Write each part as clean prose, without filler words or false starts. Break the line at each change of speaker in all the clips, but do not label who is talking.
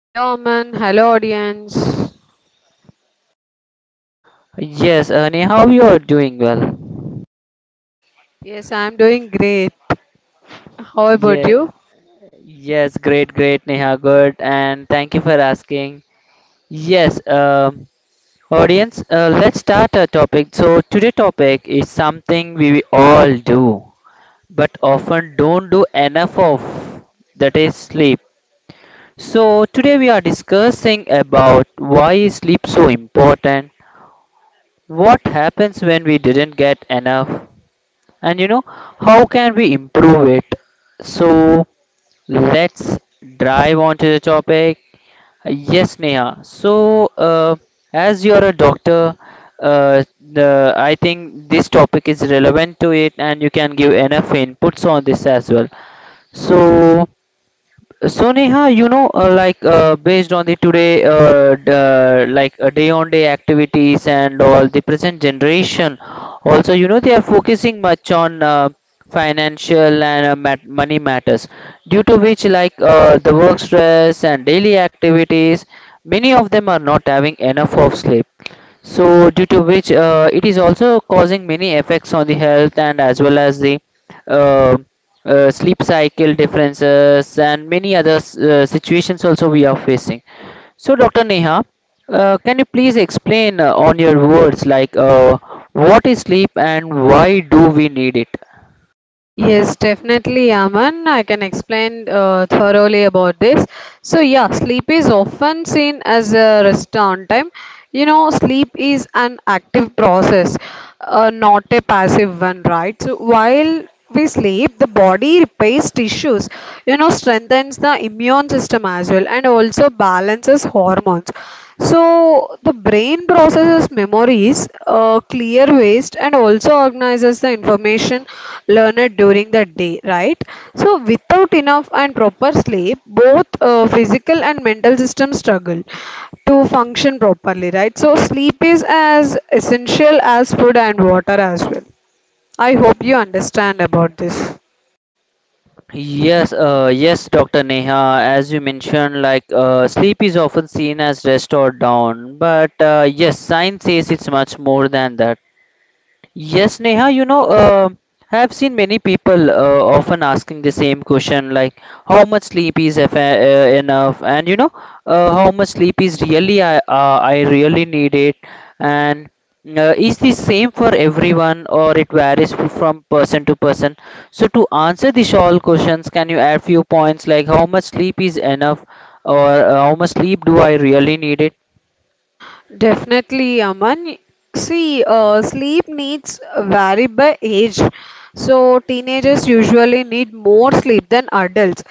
Hello, Aman. Hello, audience. Yes, I'm doing great. How about you? Yes, definitely, Aman. I can explain thoroughly about this. So, yeah, sleep is often seen as a rest on time. Sleep is an active process, not a passive one, right? So, while we sleep, the body repairs tissues, strengthens the immune system as well, and also balances hormones. So the brain processes memories, clear waste, and also organizes the information learned during the day, right? So without enough and proper sleep, both physical and mental systems struggle to function properly, right? So sleep is as essential as food and water as well. I hope you understand about this. Definitely, Aman. See, sleep needs vary by age. So, teenagers usually need more sleep than adults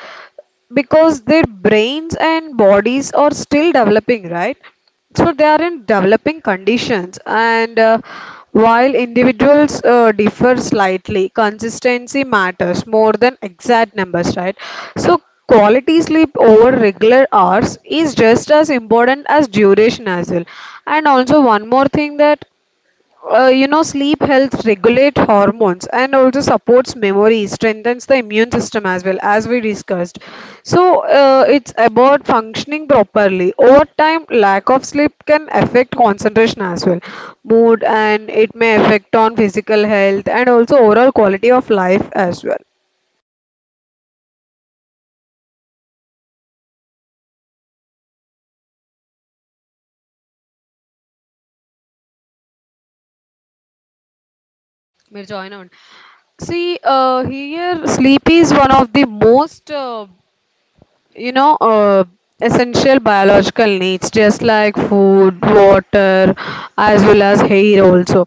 because their brains and bodies are still developing, right? So they are in developing conditions, and while individuals differ slightly, consistency matters more than exact numbers, right? So quality sleep over regular hours is just as important as duration as well. And also one more thing, that sleep helps regulate hormones and also supports memory, strengthens the immune system as well, as we discussed. So it's about functioning properly over time. Lack of sleep can affect concentration as well, mood, and it may affect on physical health and also overall quality of life as well. Mirza, I know. See, here sleep is one of the most you know uh, essential biological needs, just like food, water, as well as hair also.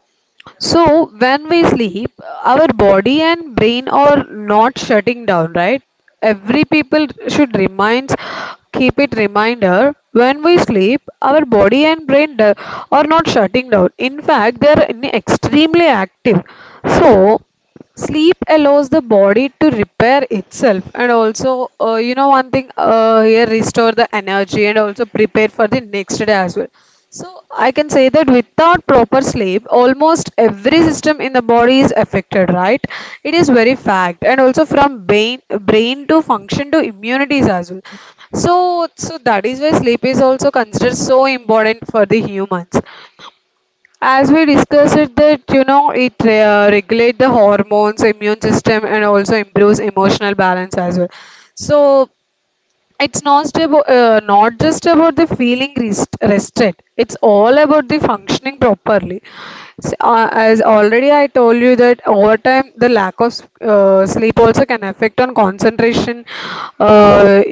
So when we sleep, our body and brain are not shutting down, right? Every people should reminds, keep it reminder, when we sleep our body and brain are not shutting down. In fact, they are extremely active. So sleep allows the body to repair itself and also one thing, here, restore the energy and also prepare for the next day as well. So I can say that without proper sleep almost every system in the body is affected, right? It is very fact. And also from brain to function to immunities as well. So, so that is why sleep is also considered so important for the humans, as we discussed it, that it regulate the hormones, immune system, and also improves emotional balance as well. So it's not just about the feeling rested, it's all about the functioning properly. As already I told you that over time the lack of sleep also can affect on concentration, uh,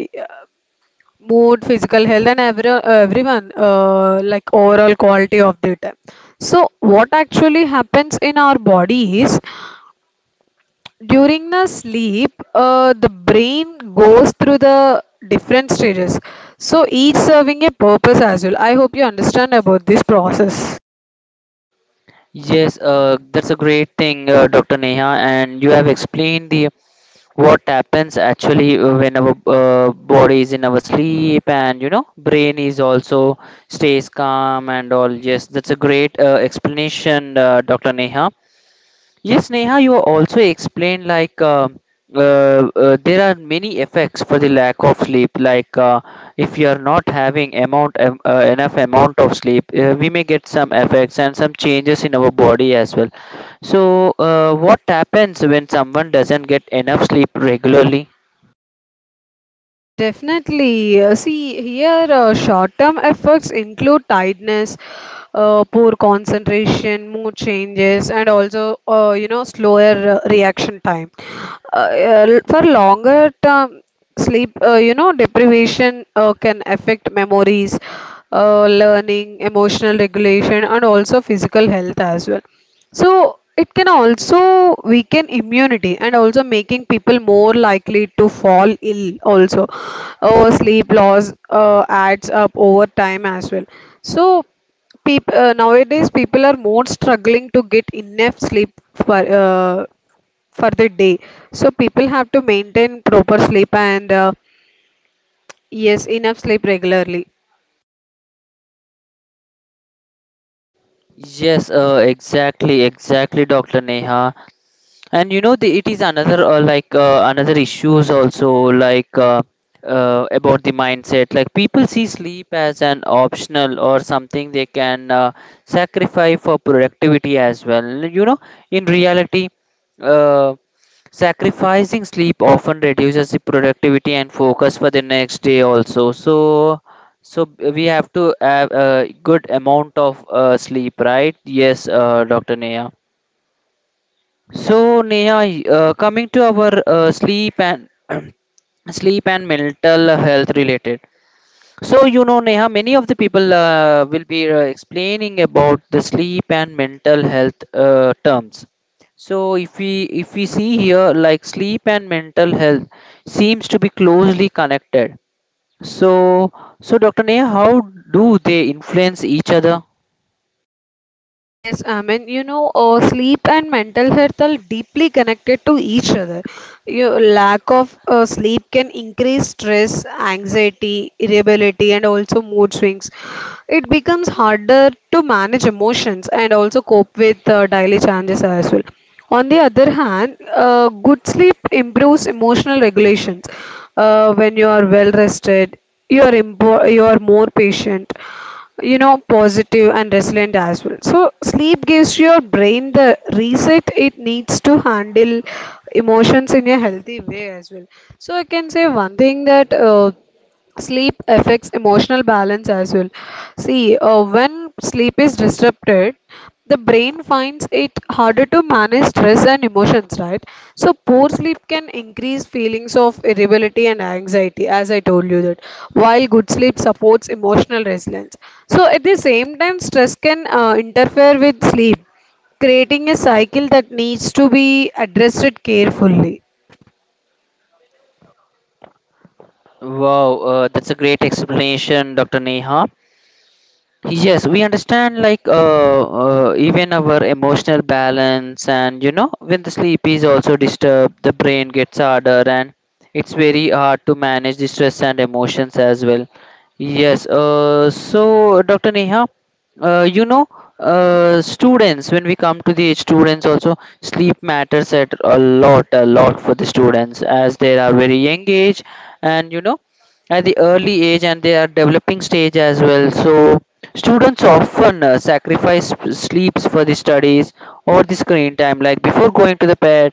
mood, physical health, and everyone, like overall quality of the time. So, what actually happens in our body is during the sleep, the brain goes through the different stages. So, each serving a purpose as well. I hope you understand about this process.
Yes, that's a great thing, Dr. Neha, and you have explained the what happens actually when our body is in our sleep, and you know, brain is also stays calm and all. Yes, that's a great explanation, Dr. Neha. Yes, Neha, you also explained like uh, there are many effects for the lack of sleep. Like if you are not having amount enough amount of sleep, we may get some effects and some changes in our body as well. So, what happens when someone doesn't get enough sleep regularly?
Definitely. See, here short-term effects include tiredness, poor concentration, mood changes, and also slower reaction time. For longer term sleep, deprivation can affect memories, learning, emotional regulation, and also physical health as well. So it can also weaken immunity and also making people more likely to fall ill also. Or sleep loss adds up over time as well. So people nowadays people are more struggling to get enough sleep for the day. So people have to maintain proper sleep and yes, enough sleep regularly.
Yes, exactly, exactly, Dr. Neha. And you know it is another another issues also, like about the mindset, like people see sleep as an optional or something they can sacrifice for productivity as well, you know. In reality, uh, sacrificing sleep often reduces the productivity and focus for the next day also. So so we have to have a good amount of sleep, right? Yes, Dr. Neha. So Neha, coming to our sleep and sleep and mental health related. So you know Neha, many of the people will be explaining about the sleep and mental health terms. So if we see here, like sleep and mental health seems to be closely connected. So Dr. Neha, how do they influence each other?
Yes, I mean, sleep and mental health are deeply connected to each other. Your lack of sleep can increase stress, anxiety, irritability, and also mood swings. It becomes harder to manage emotions and also cope with daily challenges as well. On the other hand, good sleep improves emotional regulations. When you are well rested, you are you are more patient, positive and resilient as well. So sleep gives your brain the reset it needs to handle emotions in a healthy way as well. So I can say one thing that. Sleep affects emotional balance as well. See, when sleep is disrupted, the brain finds it harder to manage stress and emotions, right? So poor sleep can increase feelings of irritability and anxiety, as I told you that, while good sleep supports emotional resilience. So at the same time stress can interfere with sleep, creating a cycle that needs to be addressed carefully.
Wow, that's a great explanation, Dr. Neha. Yes, we understand like even our emotional balance, and you know, when the sleep is also disturbed, the brain gets harder and it's very hard to manage the stress and emotions as well. Yes, so Dr. Neha, you know, students, when we come to the students also, sleep matters at a lot for the students, as they are very young age, and you know, at the early age, and they are developing stage as well. So students often sacrifice sleeps for the studies or the screen time. Like, before going to the bed,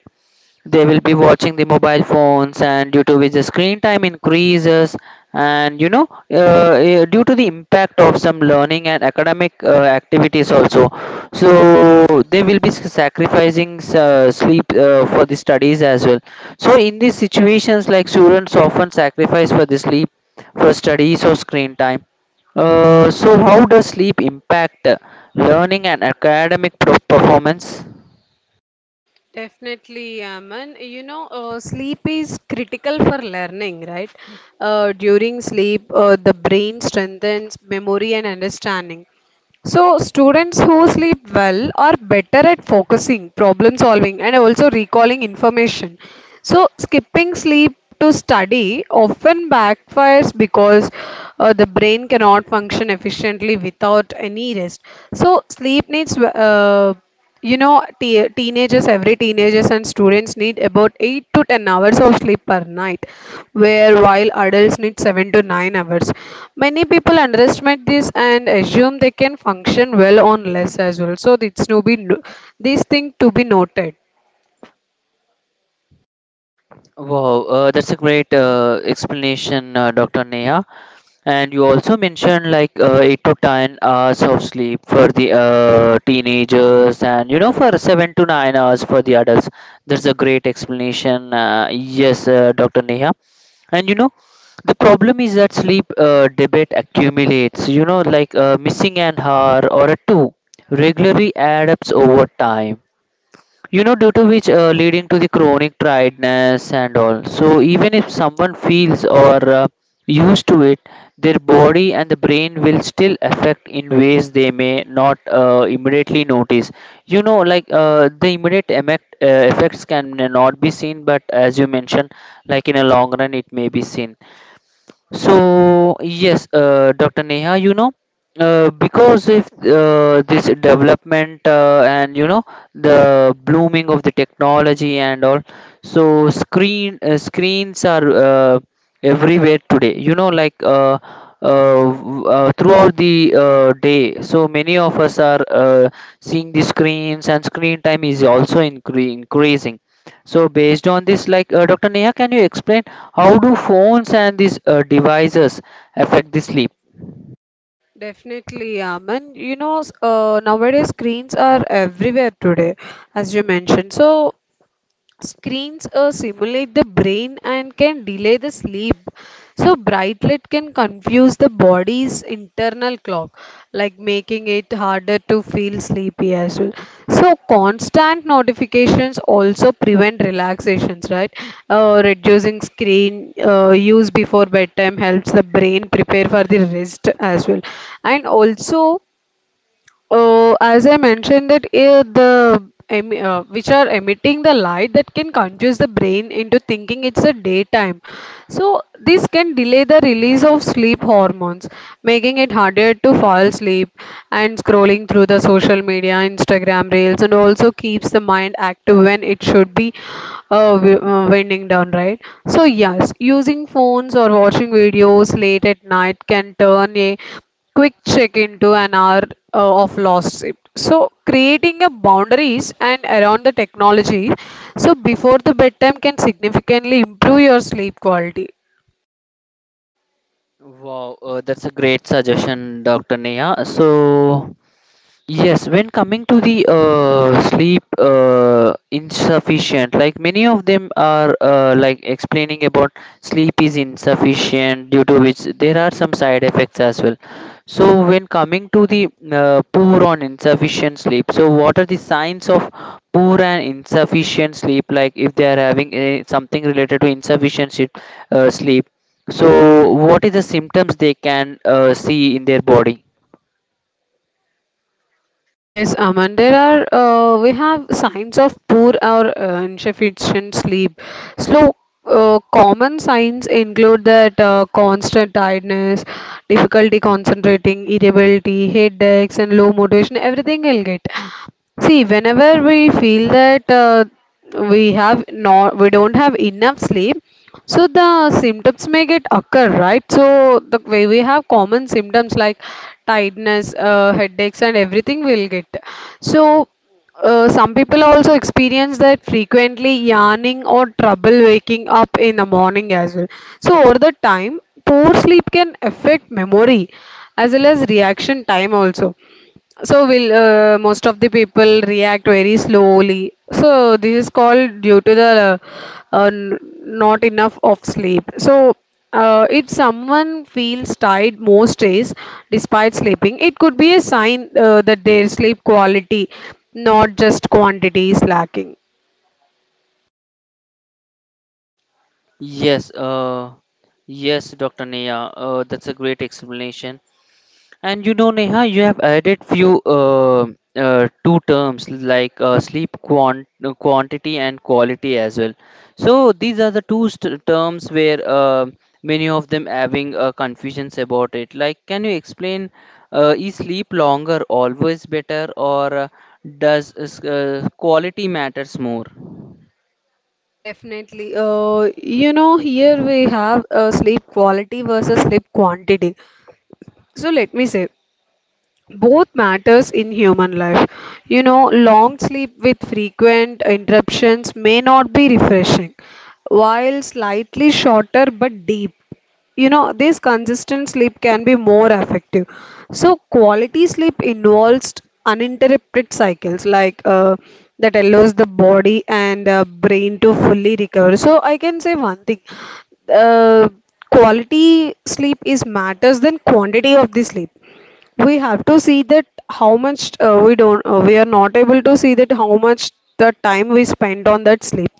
they will be watching the mobile phones, and due to which the screen time increases, and you know, due to the impact of some learning and academic activities also, so they will be sacrificing sleep for the studies as well. So in these situations, like, students often sacrifice for the sleep for studies or screen time. So how does sleep impact learning and academic performance?
Definitely, Aman. You know, sleep is critical for learning, right? During sleep, the brain strengthens memory and understanding. So, students who sleep well are better at focusing, problem solving, and also recalling information. So, skipping sleep to study often backfires because the brain cannot function efficiently without any rest. So, sleep needs, you know, te teenagers, every teenagers and students need about 8 to 10 hours of sleep per night, where while adults need 7 to 9 hours. Many people underestimate this and assume they can function well on less as well. So it's no be no, this thing to be noted.
Wow, that's a great explanation, Dr. Neha. And you also mentioned like 8 to 10 hours of sleep for the teenagers, and you know, for 7 to 9 hours for the adults. That's a great explanation. Yes, Dr. Neha. And you know, the problem is that sleep debate accumulates, you know, like missing an hour or a two regularly adds over time, you know, due to which leading to the chronic tiredness and all. So even if someone feels or used to it, their body and the brain will still affect in ways they may not immediately notice. You know, like the immediate effects can not be seen, but as you mentioned, like in a long run it may be seen. So yes, Dr. Neha, you know, because if this development and you know, the blooming of the technology and all, so screens are everywhere today. You know, like throughout the day, so many of us are seeing the screens, and screen time is also increasing. So based on this, like, Dr. Neha, can you explain how do phones and these devices affect the sleep?
Definitely, Aman. You know, nowadays screens are everywhere today, as you mentioned. So screens simulate the brain and can delay the sleep. So, bright light can confuse the body's internal clock, like making it harder to feel sleepy as well. So, constant notifications also prevent relaxations, right? Reducing screen use before bedtime helps the brain prepare for the rest as well. And also, as I mentioned that the which are emitting the light that can confuse the brain into thinking it's a daytime. So this can delay the release of sleep hormones, making it harder to fall asleep, and scrolling through the social media, Instagram reels, and also keeps the mind active when it should be winding down, right? So yes, using phones or watching videos late at night can turn a quick check into an hour of lost shift. So creating a boundaries and around the technology. So before the bedtime can significantly improve your sleep quality.
Wow, that's a great suggestion, Dr. Neha. So yes, when coming to the sleep insufficient, like, many of them are like explaining about sleep is insufficient, due to which there are some side effects as well. So, when coming to the poor on insufficient sleep, so what are the signs of poor and insufficient sleep? Like if they are having something related to insufficient sleep, uh, sleep, so what is the symptoms they can see in their body?
Yes, Aman, there are we have signs of poor or insufficient sleep. So common signs include that constant tiredness, difficulty concentrating, irritability, headaches, and low motivation. Everything will get. See, whenever we feel that we don't have enough sleep, so the symptoms may get occur, right? So the way we have common symptoms like tiredness, headaches, and everything will get. So some people also experience that frequently yawning or trouble waking up in the morning as well. So over the time, poor sleep can affect memory as well as reaction time also. So will most of the people react very slowly. So this is called due to the not enough of sleep. So if someone feels tired most days despite sleeping, it could be a sign that their sleep quality, not just quantity, is lacking.
Yes, yes, Dr. Neha, that's a great explanation. And you know, Neha, you have added few two terms, like sleep quantity and quality as well. So these are the two st terms where many of them having confusions about it. Like, can you explain, is sleep longer always better, or does quality matters more?
Definitely. You know, here we have sleep quality versus sleep quantity. So let me say. Both matters in human life. Long sleep with frequent interruptions may not be refreshing, while slightly shorter but deep, this consistent sleep can be more effective. So quality sleep involves uninterrupted cycles, like that allows the body and brain to fully recover. So I can say one thing, uh, quality sleep is matters than quantity of the sleep. We have to see that how much we are not able to see that how much the time we spend on that sleep.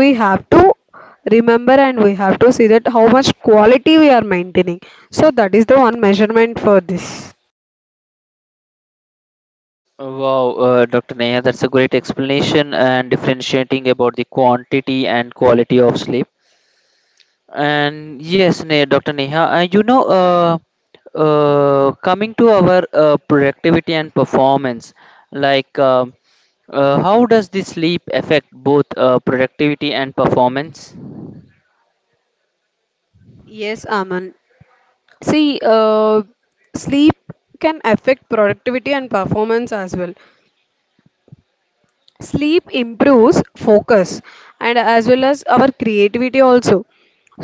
We have to remember, and we have to see that how much quality we are maintaining. So that is the one measurement for this.
Wow, Dr. Neha, that's a great explanation and differentiating about the quantity and quality of sleep. And yes, Dr. Neha, you know, coming to our productivity and performance, like how does the sleep affect both productivity and performance?
Yes, Aman. See, sleep can affect productivity and performance as well. Sleep improves focus and as well as our creativity also,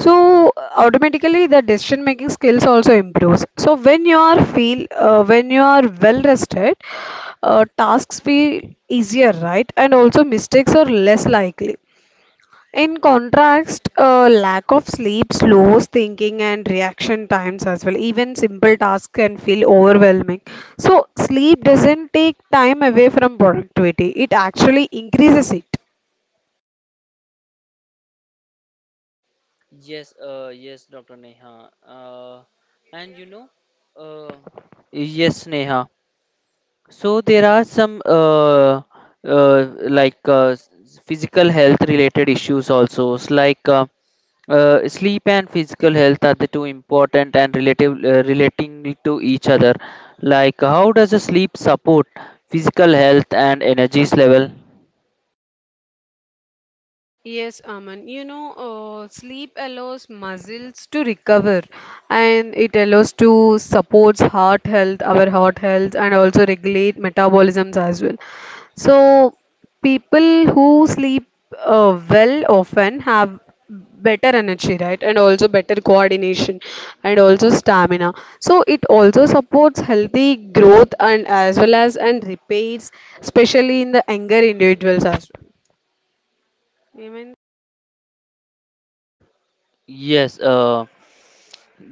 so automatically the decision making skills also improves. So when you are feel when you are well rested, tasks feel easier, right? And also mistakes are less likely. In contrast, lack of sleep slows thinking and reaction times as well. Even simple tasks can feel overwhelming. So, sleep doesn't take time away from productivity, it actually increases it.
Yes, yes, Dr. Neha. And you know, uh, yes, Neha. So there are some uh, like uh, s- physical health related issues also. It's like sleep and physical health are the two important and relative relating to each other. Like, how does a sleep support physical health and energies level?
Yes, Aman. You know, sleep allows muscles to recover and it allows to supports heart health, our heart health, and also regulate metabolisms as well. So, people who sleep well often have better energy, right? And also better coordination and also stamina. So, it also supports healthy growth and as well as and repairs, especially in the younger individuals as well. Amen.
Yes.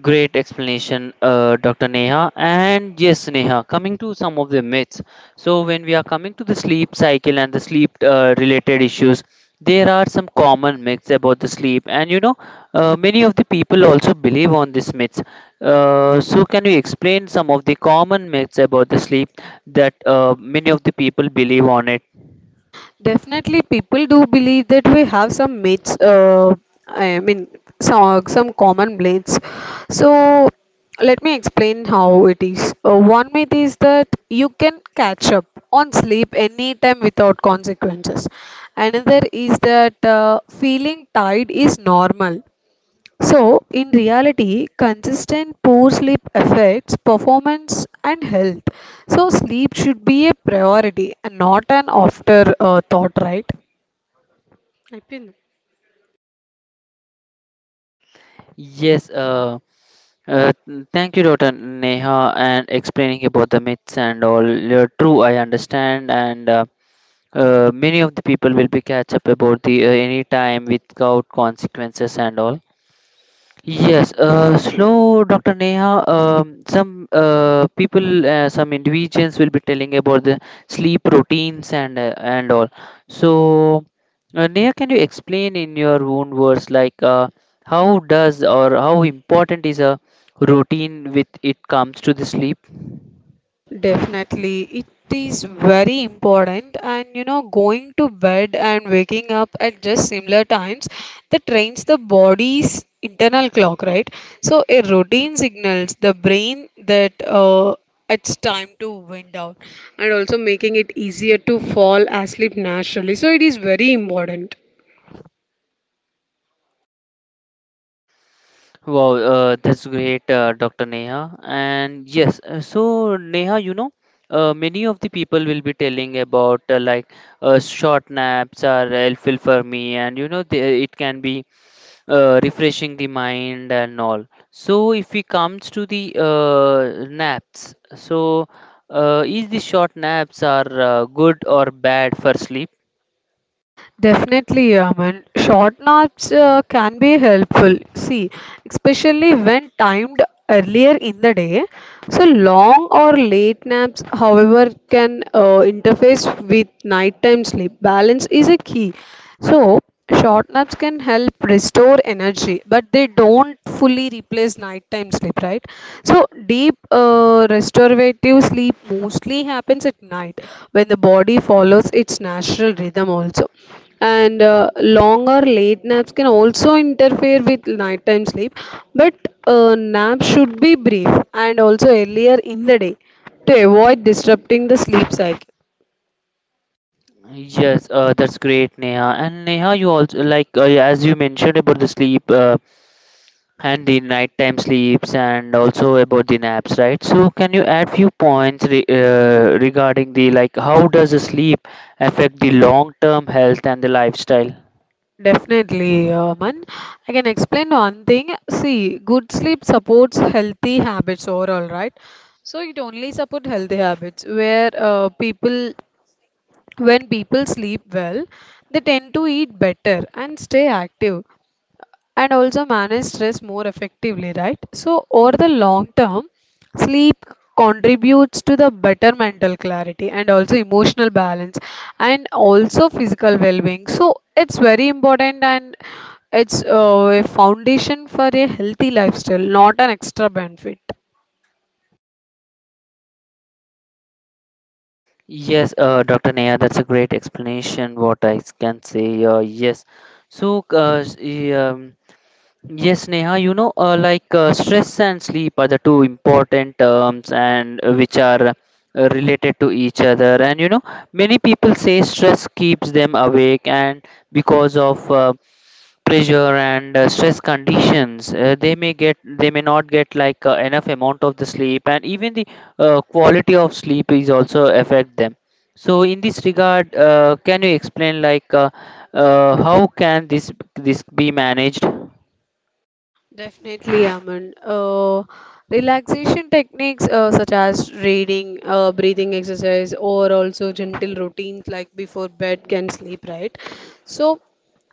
Great explanation, Dr. Neha. And yes, Neha, coming to some of the myths. So when we are coming to the sleep cycle and the sleep related issues, there are some common myths about the sleep. And you know, many of the people also believe on these myths. So can you explain some of the common myths about the sleep that many of the people believe on it?
Definitely, people do believe that we have some myths. I mean, some common myths. So let me explain how it is. One myth is that you can catch up on sleep anytime without consequences. Another is that feeling tired is normal. So, in reality, consistent poor sleep affects performance and health. So, sleep should be a priority and not an afterthought, right? Ipin.
Yes, thank you, Dr. Neha, and explaining about the myths and all. You're true, I understand, and many of the people will be catch up about the any time without consequences and all. Yes, slow, Dr. Neha. Some people, some individuals will be telling about the sleep routines and all. So, Neha, can you explain in your own words, like how does or how important is a routine with it comes to the sleep?
Definitely, it is very important. And you know, going to bed and waking up at just similar times that trains the body's internal clock, right? So, a routine signals the brain that it's time to wind down and also making it easier to fall asleep naturally. So, it is very important.
Wow, that's great, Dr. Neha. And yes, so Neha, you know, many of the people will be telling about like short naps are helpful for me, and you know, it can be refreshing the mind and all. So if it comes to the naps, so is the short naps are good or bad for sleep?
Definitely, Aman. Short naps can be helpful. See, especially when timed earlier in the day. So long or late naps, however, can interface with nighttime sleep. Balance is a key. So, short naps can help restore energy, but they don't fully replace nighttime sleep, right? So, deep restorative sleep mostly happens at night when the body follows its natural rhythm, also. And long or late naps can also interfere with nighttime sleep, but naps should be brief and also earlier in the day to avoid disrupting the sleep cycle.
Yes, that's great, Neha. And Neha, you also, like as you mentioned about the sleep. And the nighttime sleeps and also about the naps, right? So can you add few points regarding the, like, how does the sleep affect the long term health and the lifestyle?
Definitely, Aman. I can explain one thing. See, good sleep supports healthy habits overall, right? So it only supports healthy habits where when people sleep well, they tend to eat better and stay active and also manage stress more effectively, right? So, over the long term, sleep contributes to the better mental clarity and also emotional balance and also physical well being. So, it's very important and it's a foundation for a healthy lifestyle, not an extra benefit.
Yes, Dr. Neha, that's a great explanation, what I can say. Yes. So yes, Neha, you know, stress and sleep are the two important terms, and which are related to each other. And you know, many people say stress keeps them awake, and because of pressure and stress conditions, they may get they may not get like enough amount of the sleep, and even the quality of sleep is also affect them. So, in this regard, can you explain like how can this be managed?
Definitely, Aman. Relaxation techniques such as reading, breathing exercise, or also gentle routines like before bed can sleep, right? So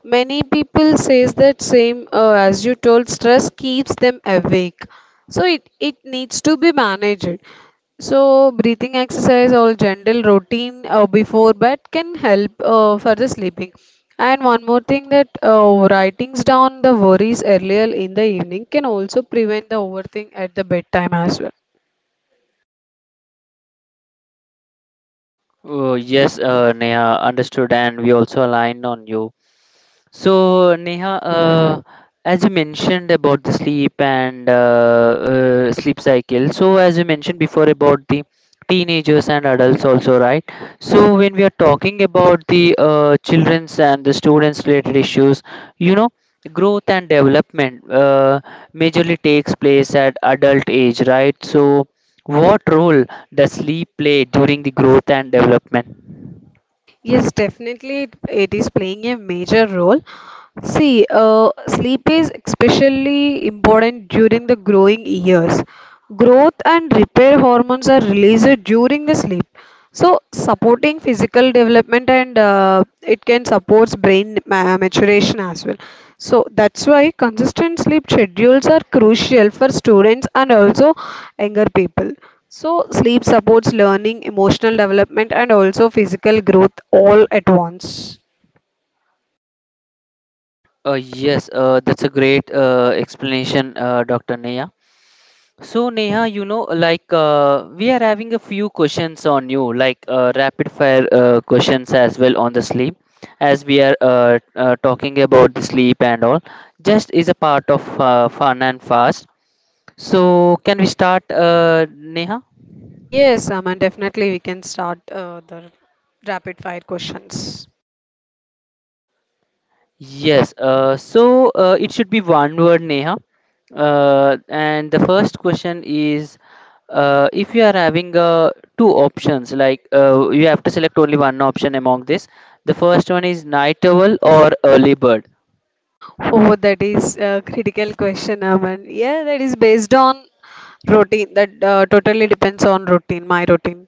many people says that same as you told, stress keeps them awake. So it needs to be managed. So, breathing exercise or gentle routine before bed can help for the sleeping. And one more thing that writings down the worries earlier in the evening can also prevent the overthink at the bedtime as well.
Oh, yes, Neha, understood, and we also aligned on you. So, Neha, as you mentioned about the sleep and sleep cycle, so as you mentioned before about the teenagers and adults also, right? So when we are talking about the children's and the students related issues, you know, growth and development majorly takes place at adult age, right? So what role does sleep play during the growth and development?
Yes, definitely, it is playing a major role. See, sleep is especially important during the growing years. Growth and repair hormones are released during the sleep. So, supporting physical development and it can support brain maturation as well. So, that's why consistent sleep schedules are crucial for students and also younger people. So, sleep supports learning, emotional development, and also physical growth all at once.
Yes, that's a great explanation, Dr. Neha. So, Neha, you know, like we are having a few questions on you, like rapid fire questions as well on the sleep, as we are talking about the sleep and all. Just is a part of fun and fast. So, can we start, Neha?
Yes, Aman, definitely we can start the rapid fire questions.
Yes, so it should be one word, Neha. And the first question is if you are having two options, like you have to select only one option among this. The first one is night owl or early bird.
Oh, that is a critical question, Aman. Yeah, that is based on routine. That totally depends on routine, my routine.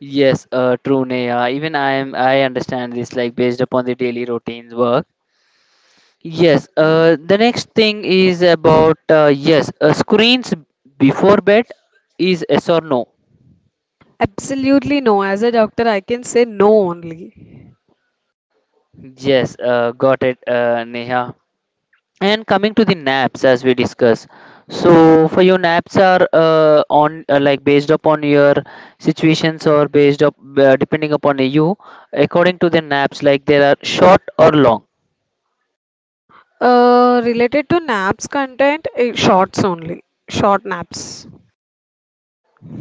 Yes, true, Neha. Even I understand this, like based upon the daily routines work. Yes, the next thing is about yes, screens before bed is yes or no.
Absolutely no. As a doctor, I can say no only.
Yes, got it, Neha. And coming to the naps, as we discuss, so for your naps are on like, based upon your situations or based up depending upon you, according to the naps, like there are short or long.
Related to naps content, eh, shorts only. Short naps.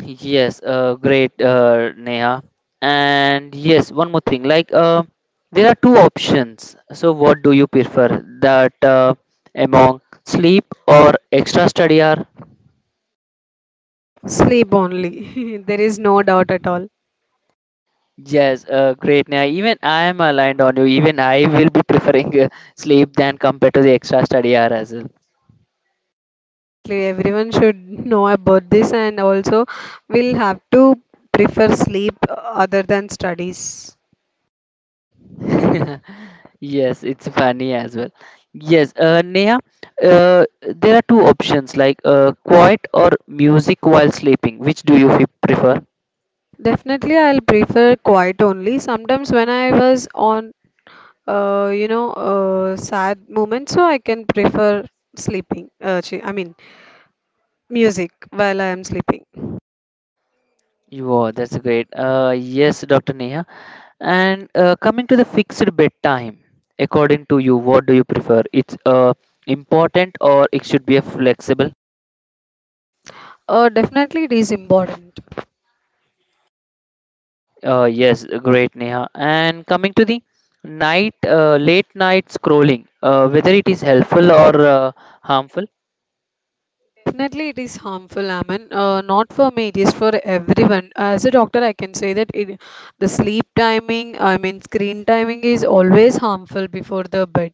Yes, great, Neha. And yes, one more thing, like there are two options. So what do you prefer? That Among sleep or extra study hour?
Sleep only. There is no doubt at all.
Yes, great. Now, even I am aligned on you. Even I will be preferring sleep than compared to the extra study hour as
Definitely, everyone should know about this, and also we'll have to prefer sleep other than studies.
well. Yes, it's funny as well. Yes, Neha, uh, there are two options, like quiet or music while sleeping. Which do you prefer?
Definitely, I'll prefer quiet only. Sometimes when I was on, sad moment, so I can prefer sleeping. Music while I am sleeping.
Wow, that's great. Yes, Dr. Neha. And coming to the fixed bedtime, according to you, what do you prefer? It's important, or it should be a flexible?
Definitely, it is important.
Yes, great, Neha. And coming to the night, late night scrolling, whether it is helpful or harmful.
Definitely, it is harmful, Aman. Not for me, it is for everyone. As a doctor, I can say that the sleep timing, I mean, screen timing is always harmful before the bed.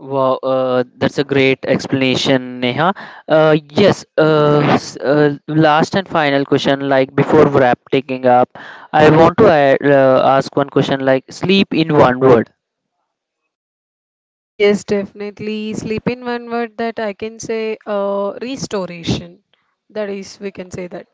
Wow, that's a great explanation, Neha. Yes, last and final question, like before wrap taking up, I want to ask one question, like sleep in one word.
Yes, definitely. Sleep in one word that I can say restoration. That is, we can say that.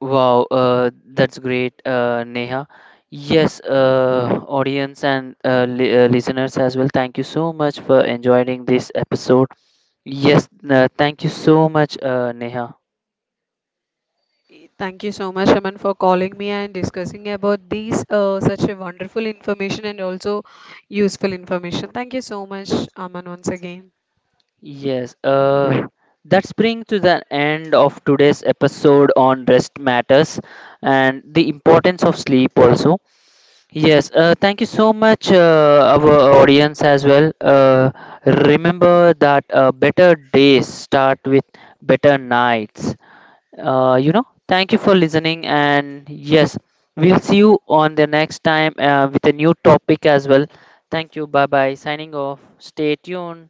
Wow, that's great, Neha. Yes, audience and listeners as well, thank you so much for enjoying this episode. Yes, thank you so much, Neha.
Thank you so much, Aman, for calling me and discussing about these such a wonderful information and also useful information. Thank you so much, Aman, once again.
Yes, that's bring to the end of today's episode on rest matters and the importance of sleep also. Yes, thank you so much, our audience as well. Remember that better days start with better nights. You know, thank you for listening, and yes, we'll see you on the next time with a new topic as well. Thank you, bye bye. Signing off. Stay tuned.